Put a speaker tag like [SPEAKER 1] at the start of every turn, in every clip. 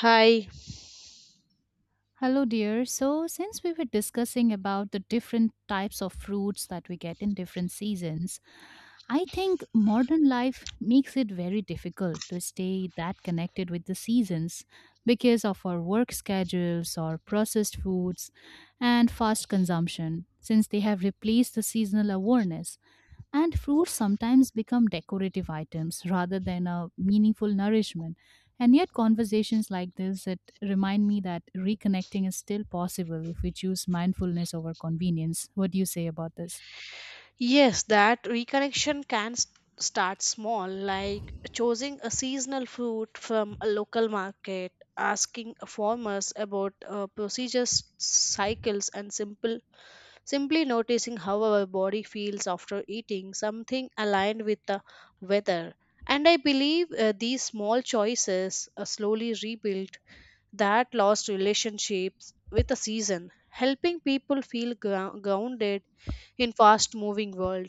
[SPEAKER 1] Hi.
[SPEAKER 2] Hello, dear. So, since we were discussing about the different types of fruits that we get in different seasons, I think modern life makes it very difficult to stay that connected with the seasons because of our work schedules or processed foods and fast consumption, since they have replaced the seasonal awareness. And fruits sometimes become decorative items rather than a meaningful nourishment and yet, conversations like this that remind me that reconnecting is still possible if we choose mindfulness over convenience. What do you say about this?
[SPEAKER 1] Yes, that reconnection can start small, like choosing a seasonal fruit from a local market, asking farmers about procedures, cycles, and simple simply noticing how our body feels after eating something aligned with the weather. And I believe these small choices slowly rebuild that lost relationships with the season, helping people feel grounded in fast moving world.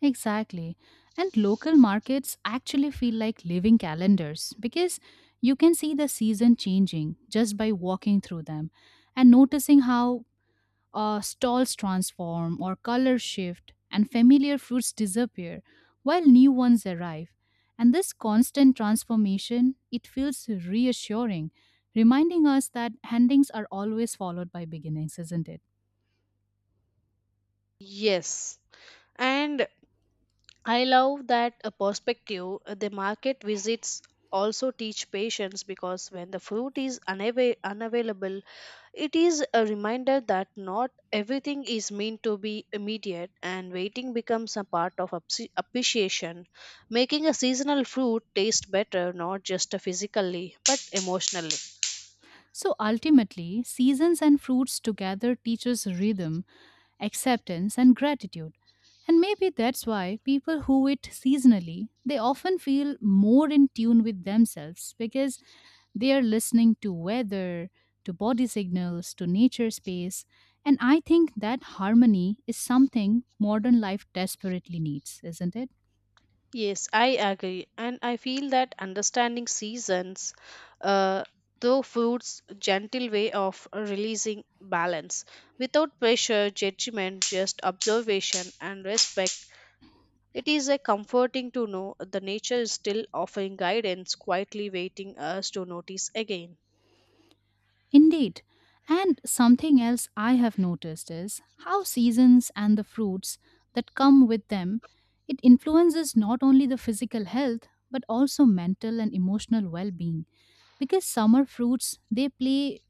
[SPEAKER 2] Exactly. And local markets actually feel like living calendars because you can see the season changing just by walking through them and noticing how stalls transform or color shift, and familiar fruits disappear while new ones arrive. And this constant transformation, it feels reassuring, reminding us that endings are always followed by beginnings, isn't it?
[SPEAKER 1] Yes, and I love that a perspective. The market visits also teach patience because when the fruit is unavailable, it is a reminder that not everything is meant to be immediate, and waiting becomes a part of appreciation, making a seasonal fruit taste better, not just physically but emotionally.
[SPEAKER 2] So ultimately, seasons and fruits together teach us rhythm, acceptance, and gratitude. And maybe that's why people who eat seasonally, they often feel more in tune with themselves because they are listening to weather, to body signals, to nature space. And I think that harmony is something modern life desperately needs, isn't it?
[SPEAKER 1] Yes, I agree. And I feel that understanding seasons, uh, though food's gentle way of releasing balance without pressure, judgment, just observation and respect. It is a comforting to know the nature is still offering guidance, quietly waiting us to notice again.
[SPEAKER 2] Indeed. And something else I have noticed is how seasons and the fruits that come with them it influences not only the physical health but also mental and emotional well-being because summer fruits they play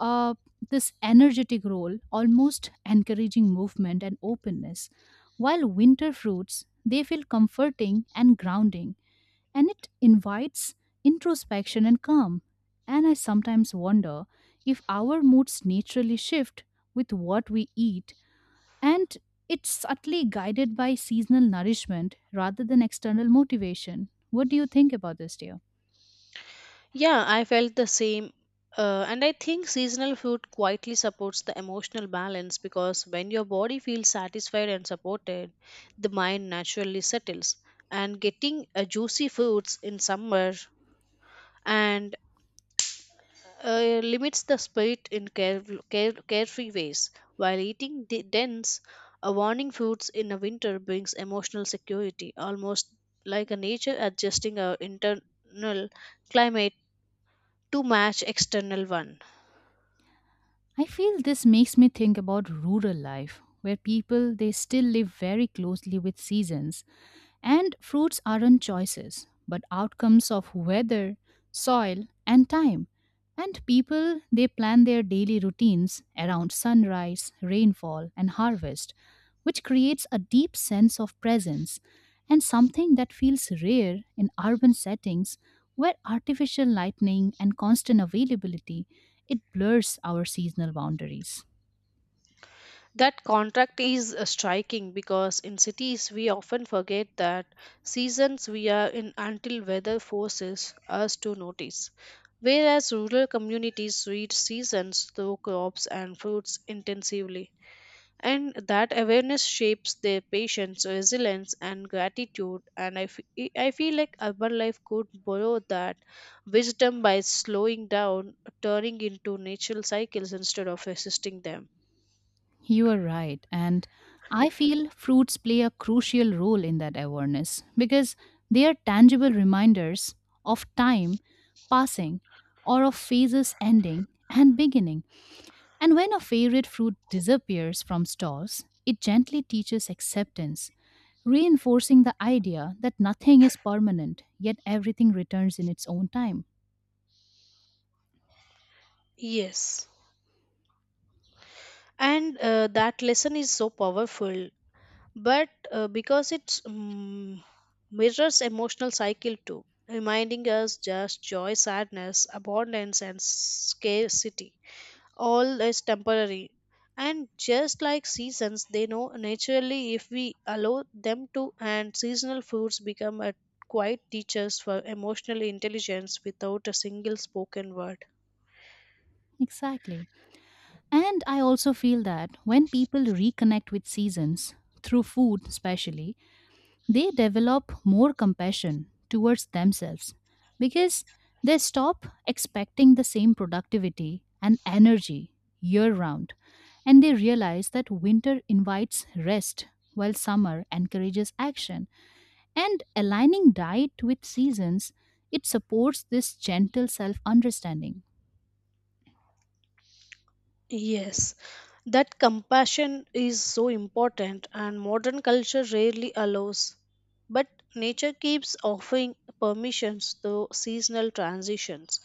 [SPEAKER 2] uh, this energetic role, almost encouraging movement and openness. While winter fruits, they feel comforting and grounding, and it invites introspection and calm. And I sometimes wonder if our moods naturally shift with what we eat, and it's subtly guided by seasonal nourishment rather than external motivation. What do you think about this, dear?
[SPEAKER 1] Yeah, I felt the same. And I think seasonal food quietly supports the emotional balance because when your body feels satisfied and supported, the mind naturally settles. And getting juicy foods in summer and limits the spirit in carefree ways, while eating the dense, warming foods in the winter brings emotional security, almost like a nature adjusting our internal climate to match external one.
[SPEAKER 2] I feel this makes me think about rural life where people they still live very closely with seasons and fruits aren't choices, but outcomes of weather, soil, and time. And people, they plan their daily routines around sunrise, rainfall, and harvest, which creates a deep sense of presence and something that feels rare in urban settings where artificial lightning and constant availability it blurs our seasonal boundaries.
[SPEAKER 1] That contract is striking because in cities we often forget that seasons we are in until weather forces us to notice. Whereas rural communities read seasons through crops and fruits intensively. And that awareness shapes their patience, resilience, and gratitude. And I feel like urban life could borrow that wisdom by slowing down, turning into natural cycles instead of resisting them.
[SPEAKER 2] You are right. And I feel fruits play a crucial role in that awareness because they are tangible reminders of time passing or of phases ending and beginning. And when a favorite fruit disappears from stalls, it gently teaches acceptance, reinforcing the idea that nothing is permanent, yet everything returns in its own time.
[SPEAKER 1] Yes, and that lesson is so powerful, but because it's mm mirrors emotional cycle too, reminding us just joy, sadness, abundance and scarcity, all is temporary, and just like seasons they know naturally if we allow them to, and seasonal foods become a quiet teachers for emotional intelligence without a single spoken word.
[SPEAKER 2] Exactly. And I also feel that when people reconnect with seasons, through food especially, they develop more compassion towards themselves because they stop expecting the same productivity and energy year round and they realize that winter invites rest while summer encourages action and aligning diet with seasons it supports this gentle self understanding.
[SPEAKER 1] Yes, that compassion is so important, and modern culture rarely allows. But nature keeps offering permissions to seasonal transitions,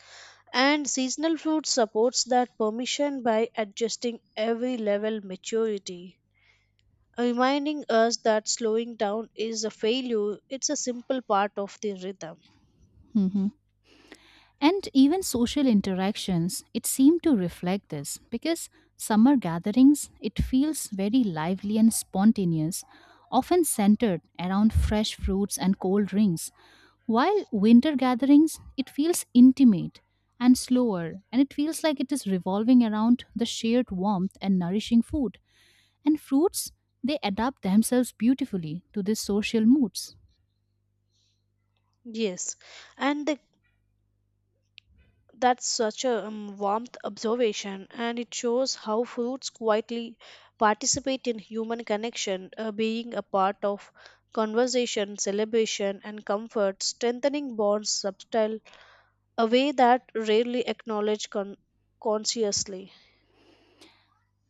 [SPEAKER 1] and seasonal fruit supports that permission by adjusting every level maturity, reminding us that slowing down is a failure. It's a simple part of the rhythm.
[SPEAKER 2] And even social interactions, it seemed to reflect this because summer gatherings, it feels very lively and spontaneous, often centered around fresh fruits and cold drinks, while winter gatherings, it feels intimate and slower, and it feels like it is revolving around the shared warmth and nourishing food. And fruits, they adapt themselves beautifully to these social moods.
[SPEAKER 1] Yes, and the That's such a warmth observation, and it shows how fruits quietly participate in human connection, being a part of conversation, celebration, and comfort, strengthening bonds subtle, a way that rarely acknowledged consciously.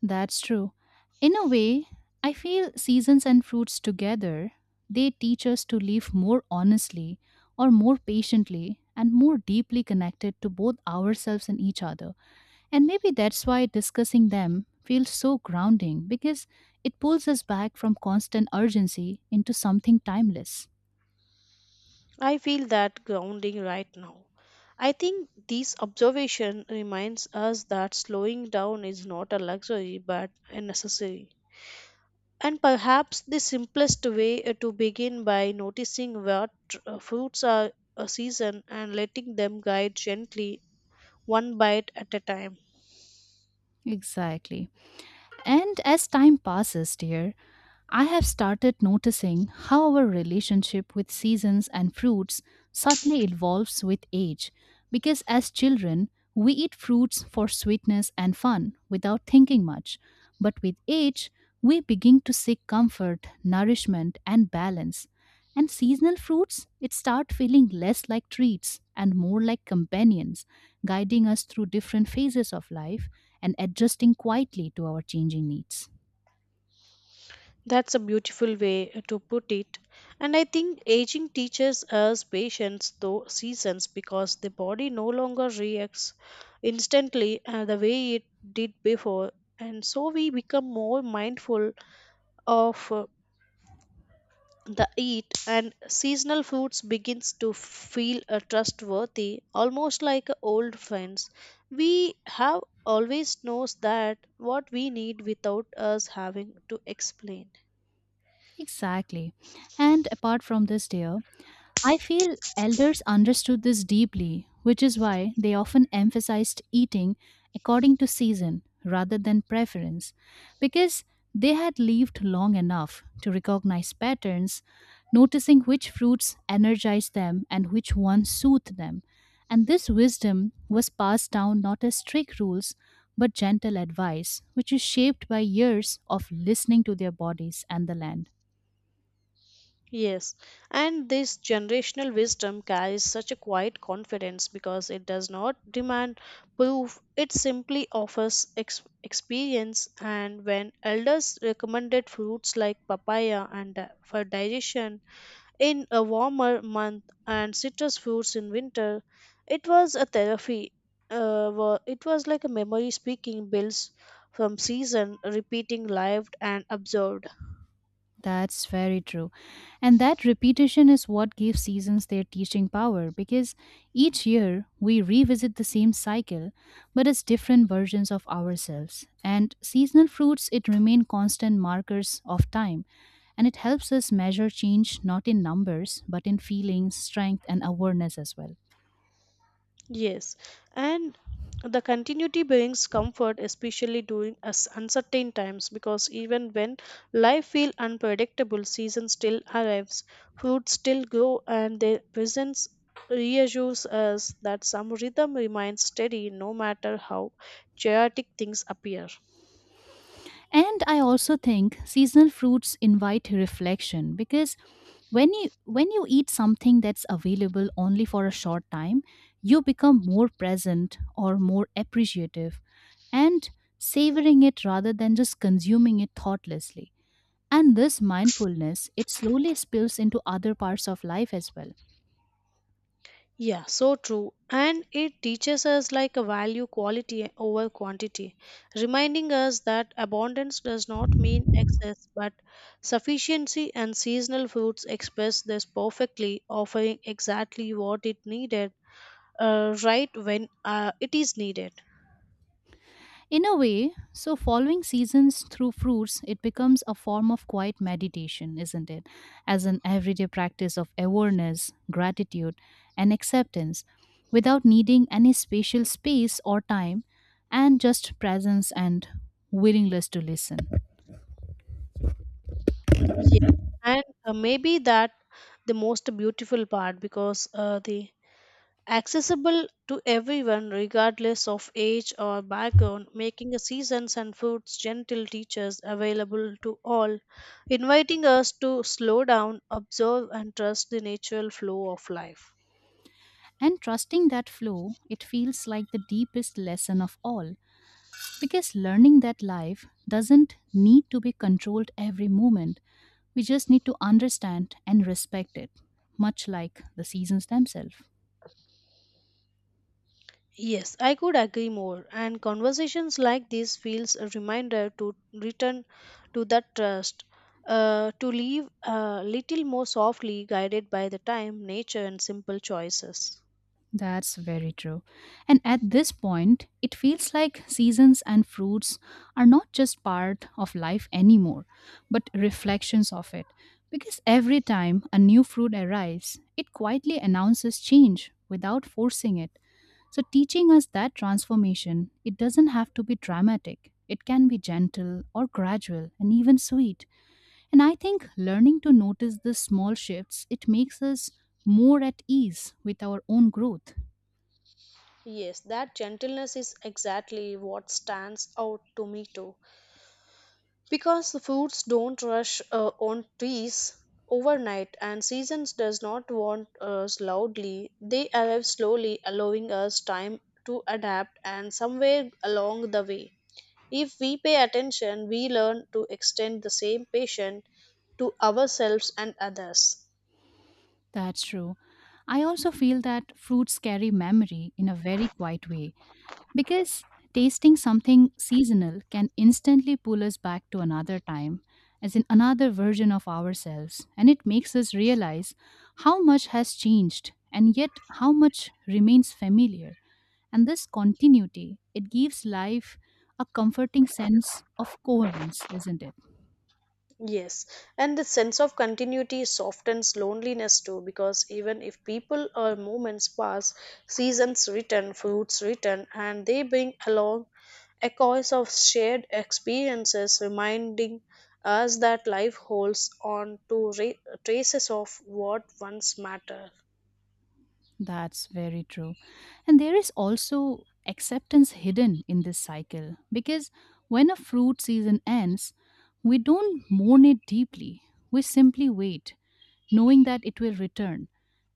[SPEAKER 2] That's true. In a way, I feel seasons and fruits together, they teach us to live more honestly or more patiently and more deeply connected to both ourselves and each other. And maybe that's why discussing them feels so grounding because it pulls us back from constant urgency into something timeless.
[SPEAKER 1] I feel that grounding right now. I think this observation reminds us that slowing down is not a luxury but a necessary. And perhaps the simplest way to begin by noticing what fruits are a season, and letting them guide gently, one bite at a time.
[SPEAKER 2] Exactly. And as time passes, dear, I have started noticing how our relationship with seasons and fruits subtly evolves with age. Because as children, we eat fruits for sweetness and fun without thinking much. But with age, we begin to seek comfort, nourishment, and balance. And seasonal fruits, it start feeling less like treats and more like companions, guiding us through different phases of life and adjusting quietly to our changing needs.
[SPEAKER 1] That's a beautiful way to put it. And I think aging teaches us patience through seasons because the body no longer reacts instantly the way it did before. And so we become more mindful of the eat, and seasonal foods begins to feel trustworthy, almost like old friends. We have always knows that what we need without us having to explain.
[SPEAKER 2] Exactly. And apart from this, dear, I feel elders understood this deeply, which is why they often emphasized eating according to season rather than preference, because they had lived long enough to recognize patterns, noticing which fruits energize them and which ones soothe them. And this wisdom was passed down not as strict rules, but gentle advice, which is shaped by years of listening to their bodies and the land.
[SPEAKER 1] Yes, and this generational wisdom carries such a quiet confidence because it does not demand proof. It simply offers experience. And when elders recommended fruits like papaya and for digestion, in a warmer month and citrus fruits in winter. It was a therapy. It was like a memory speaking bills from season, repeating lived and observed.
[SPEAKER 2] That's very true. And that repetition is what gives seasons their teaching power because each year we revisit the same cycle but as different versions of ourselves. And seasonal fruits it remain constant markers of time and it helps us measure change not in numbers but in feelings, strength and awareness as well.
[SPEAKER 1] Yes, and the continuity brings comfort, especially during us uncertain times, because even when life feels unpredictable, season still arrives, fruits still grow, and their presence reassures us that some rhythm remains steady no matter how chaotic things appear.
[SPEAKER 2] And I also think seasonal fruits invite reflection because when you eat something that's available only for a short time, you become more present or more appreciative and savoring it rather than just consuming it thoughtlessly. And this mindfulness, it slowly spills into other parts of life as well.
[SPEAKER 1] Yeah, so true. And it teaches us like a value quality over quantity, reminding us that abundance does not mean excess, but sufficiency, and seasonal fruits express this perfectly, offering exactly what it needed, right when it is needed.
[SPEAKER 2] In a way, so following seasons through fruits, it becomes a form of quiet meditation, isn't it? As an everyday practice of awareness, gratitude, and acceptance without needing any spatial space or time, and just presence and willingness to listen.
[SPEAKER 1] Yeah. And maybe that the most beautiful part because the accessible to everyone regardless of age or background, making a seasons and fruits gentle teachers available to all, inviting us to slow down, observe and trust the natural flow of life.
[SPEAKER 2] And trusting that flow, it feels like the deepest lesson of all. Because learning that life doesn't need to be controlled every moment, we just need to understand and respect it, much like the seasons themselves.
[SPEAKER 1] Yes, I could agree more, and conversations like this feels a reminder to return to that trust, to live a little more softly guided by the time, nature and simple choices.
[SPEAKER 2] That's very true. And at this point, it feels like seasons and fruits are not just part of life anymore, but reflections of it. Because every time a new fruit arrives, it quietly announces change without forcing it. So, teaching us that transformation, it doesn't have to be dramatic. It can be gentle or gradual and even sweet. And I think learning to notice the small shifts, it makes us more at ease with our own growth.
[SPEAKER 1] Yes, that gentleness is exactly what stands out to me too. Because the fruits don't rush on trees overnight, and seasons does not want us loudly. They arrive slowly, allowing us time to adapt and somewhere along the way. If we pay attention, we learn to extend the same patience to ourselves and others.
[SPEAKER 2] That's true. I also feel that fruits carry memory in a very quiet way. Because tasting something seasonal can instantly pull us back to another time, as in another version of ourselves, and it makes us realize how much has changed and yet how much remains familiar. And this continuity, it gives life a comforting sense of coherence, isn't it?
[SPEAKER 1] Yes, and the sense of continuity softens loneliness too, because even if people or moments pass, seasons return, fruits return, and they bring along echoes of shared experiences, reminding us that life holds on to traces of what once mattered.
[SPEAKER 2] That's very true. And there is also acceptance hidden in this cycle because when a fruit season ends, we don't mourn it deeply. We simply wait, knowing that it will return.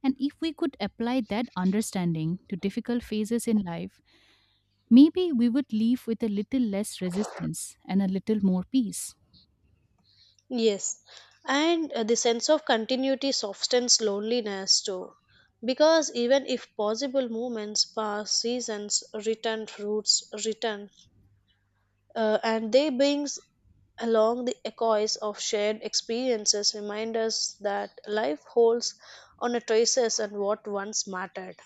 [SPEAKER 2] And if we could apply that understanding to difficult phases in life, maybe we would leave with a little less resistance and a little more peace.
[SPEAKER 1] Yes, and the sense of continuity softens loneliness too, because even if possible movements pass, seasons return, roots return, and they brings along the echoes of shared experiences, remind us that life holds on a traces and what once mattered.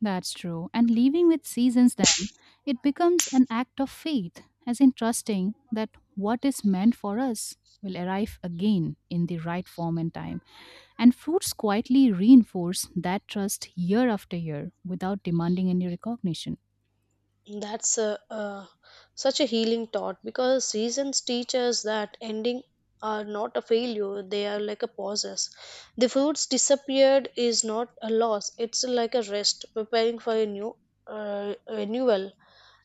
[SPEAKER 2] That's true. And leaving with seasons, then, it becomes an act of faith, as in trusting that what is meant for us will arrive again in the right form and time. And fruits quietly reinforce that trust year after year without demanding any recognition.
[SPEAKER 1] That's a, such a healing thought because seasons teach us that ending are not a failure, they are like a pauses. The fruits disappeared is not a loss, it's like a rest, preparing for a new renewal.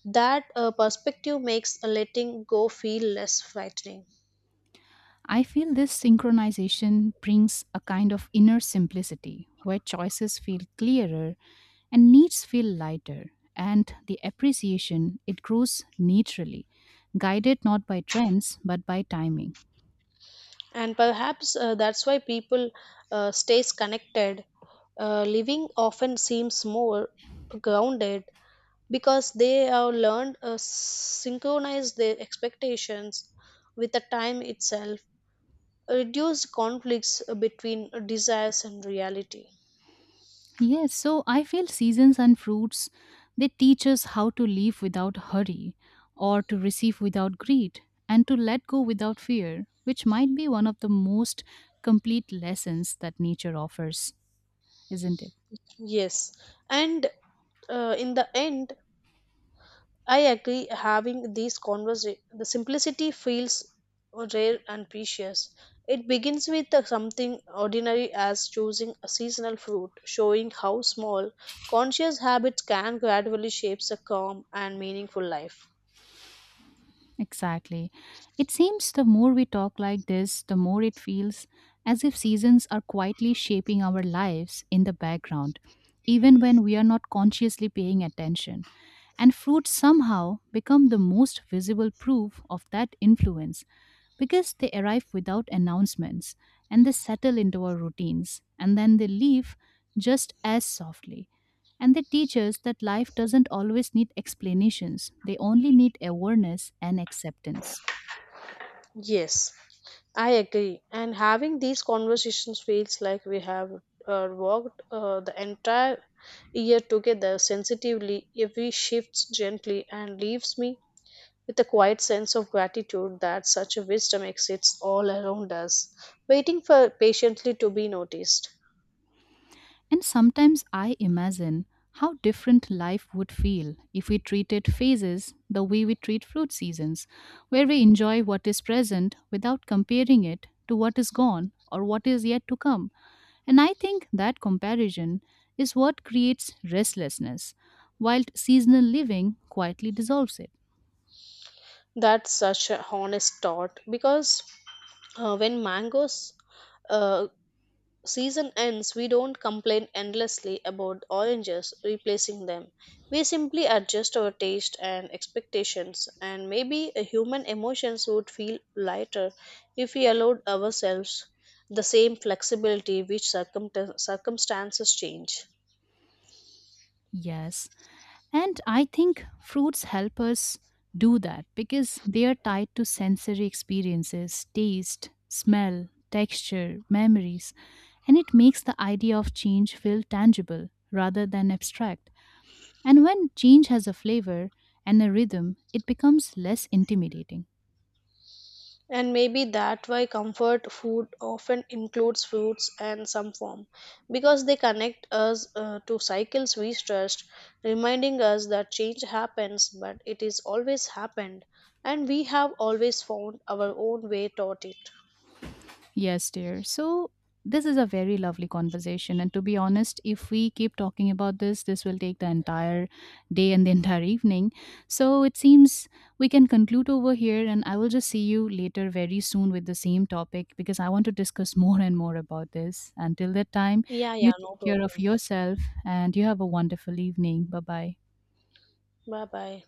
[SPEAKER 1] That perspective makes a letting go feel less frightening.
[SPEAKER 2] I feel this synchronization brings a kind of inner simplicity where choices feel clearer and needs feel lighter, and the appreciation it grows naturally, guided not by trends but by timing.
[SPEAKER 1] And perhaps that's why people stays connected. Living often seems more grounded because they have learned to synchronize their expectations with the time itself, reduce conflicts between desires and reality.
[SPEAKER 2] Yes, so I feel seasons and fruits they teach us how to live without hurry, or to receive without greed, and to let go without fear, which might be one of the most complete lessons that nature offers, isn't it?
[SPEAKER 1] Yes, and in the end, I agree having these conversations. The simplicity feels rare and precious. It begins with something ordinary as choosing a seasonal fruit, showing how small conscious habits can gradually shape a calm and meaningful life.
[SPEAKER 2] Exactly. It seems the more we talk like this, the more it feels as if seasons are quietly shaping our lives in the background, even when we are not consciously paying attention. And fruits somehow become the most visible proof of that influence because they arrive without announcements and they settle into our routines and then they leave just as softly. And they teach us that life doesn't always need explanations, they only need awareness and acceptance.
[SPEAKER 1] Yes, I agree. And having these conversations feels like we have walked the entire year together sensitively. Every we shifts gently and leaves me with a quiet sense of gratitude that such a wisdom exists all around us, waiting for patiently to be noticed.
[SPEAKER 2] And sometimes I imagine how different life would feel if we treated phases the way we treat fruit seasons, where we enjoy what is present without comparing it to what is gone or what is yet to come. And I think that comparison is what creates restlessness, while seasonal living quietly dissolves it.
[SPEAKER 1] That's such a honest thought because when mangoes uh, season ends, we don't complain endlessly about oranges replacing them. We simply adjust our taste and expectations, and maybe human emotions would feel lighter if we allowed ourselves the same flexibility which circumstances change.
[SPEAKER 2] Yes, and I think fruits help us do that because they are tied to sensory experiences, taste, smell, texture, memories, and it makes the idea of change feel tangible rather than abstract. And when change has a flavor and a rhythm, it becomes less intimidating.
[SPEAKER 1] And maybe that why comfort food often includes fruits and some form, because they connect us to cycles we trust, reminding us that change happens, but it is always happened, and we have always found our own way toward it.
[SPEAKER 2] Yes, dear. So, this is a very lovely conversation. And to be honest, if we keep talking about this, this will take the entire day and the entire evening. So, it seems we can conclude over here. And I will just see you later very soon with the same topic because I want to discuss more and more about this. Until that time,
[SPEAKER 1] Yeah, yeah,
[SPEAKER 2] you
[SPEAKER 1] no
[SPEAKER 2] take care of
[SPEAKER 1] problem.
[SPEAKER 2] yourself and you have a wonderful evening. Bye bye.
[SPEAKER 1] Bye bye.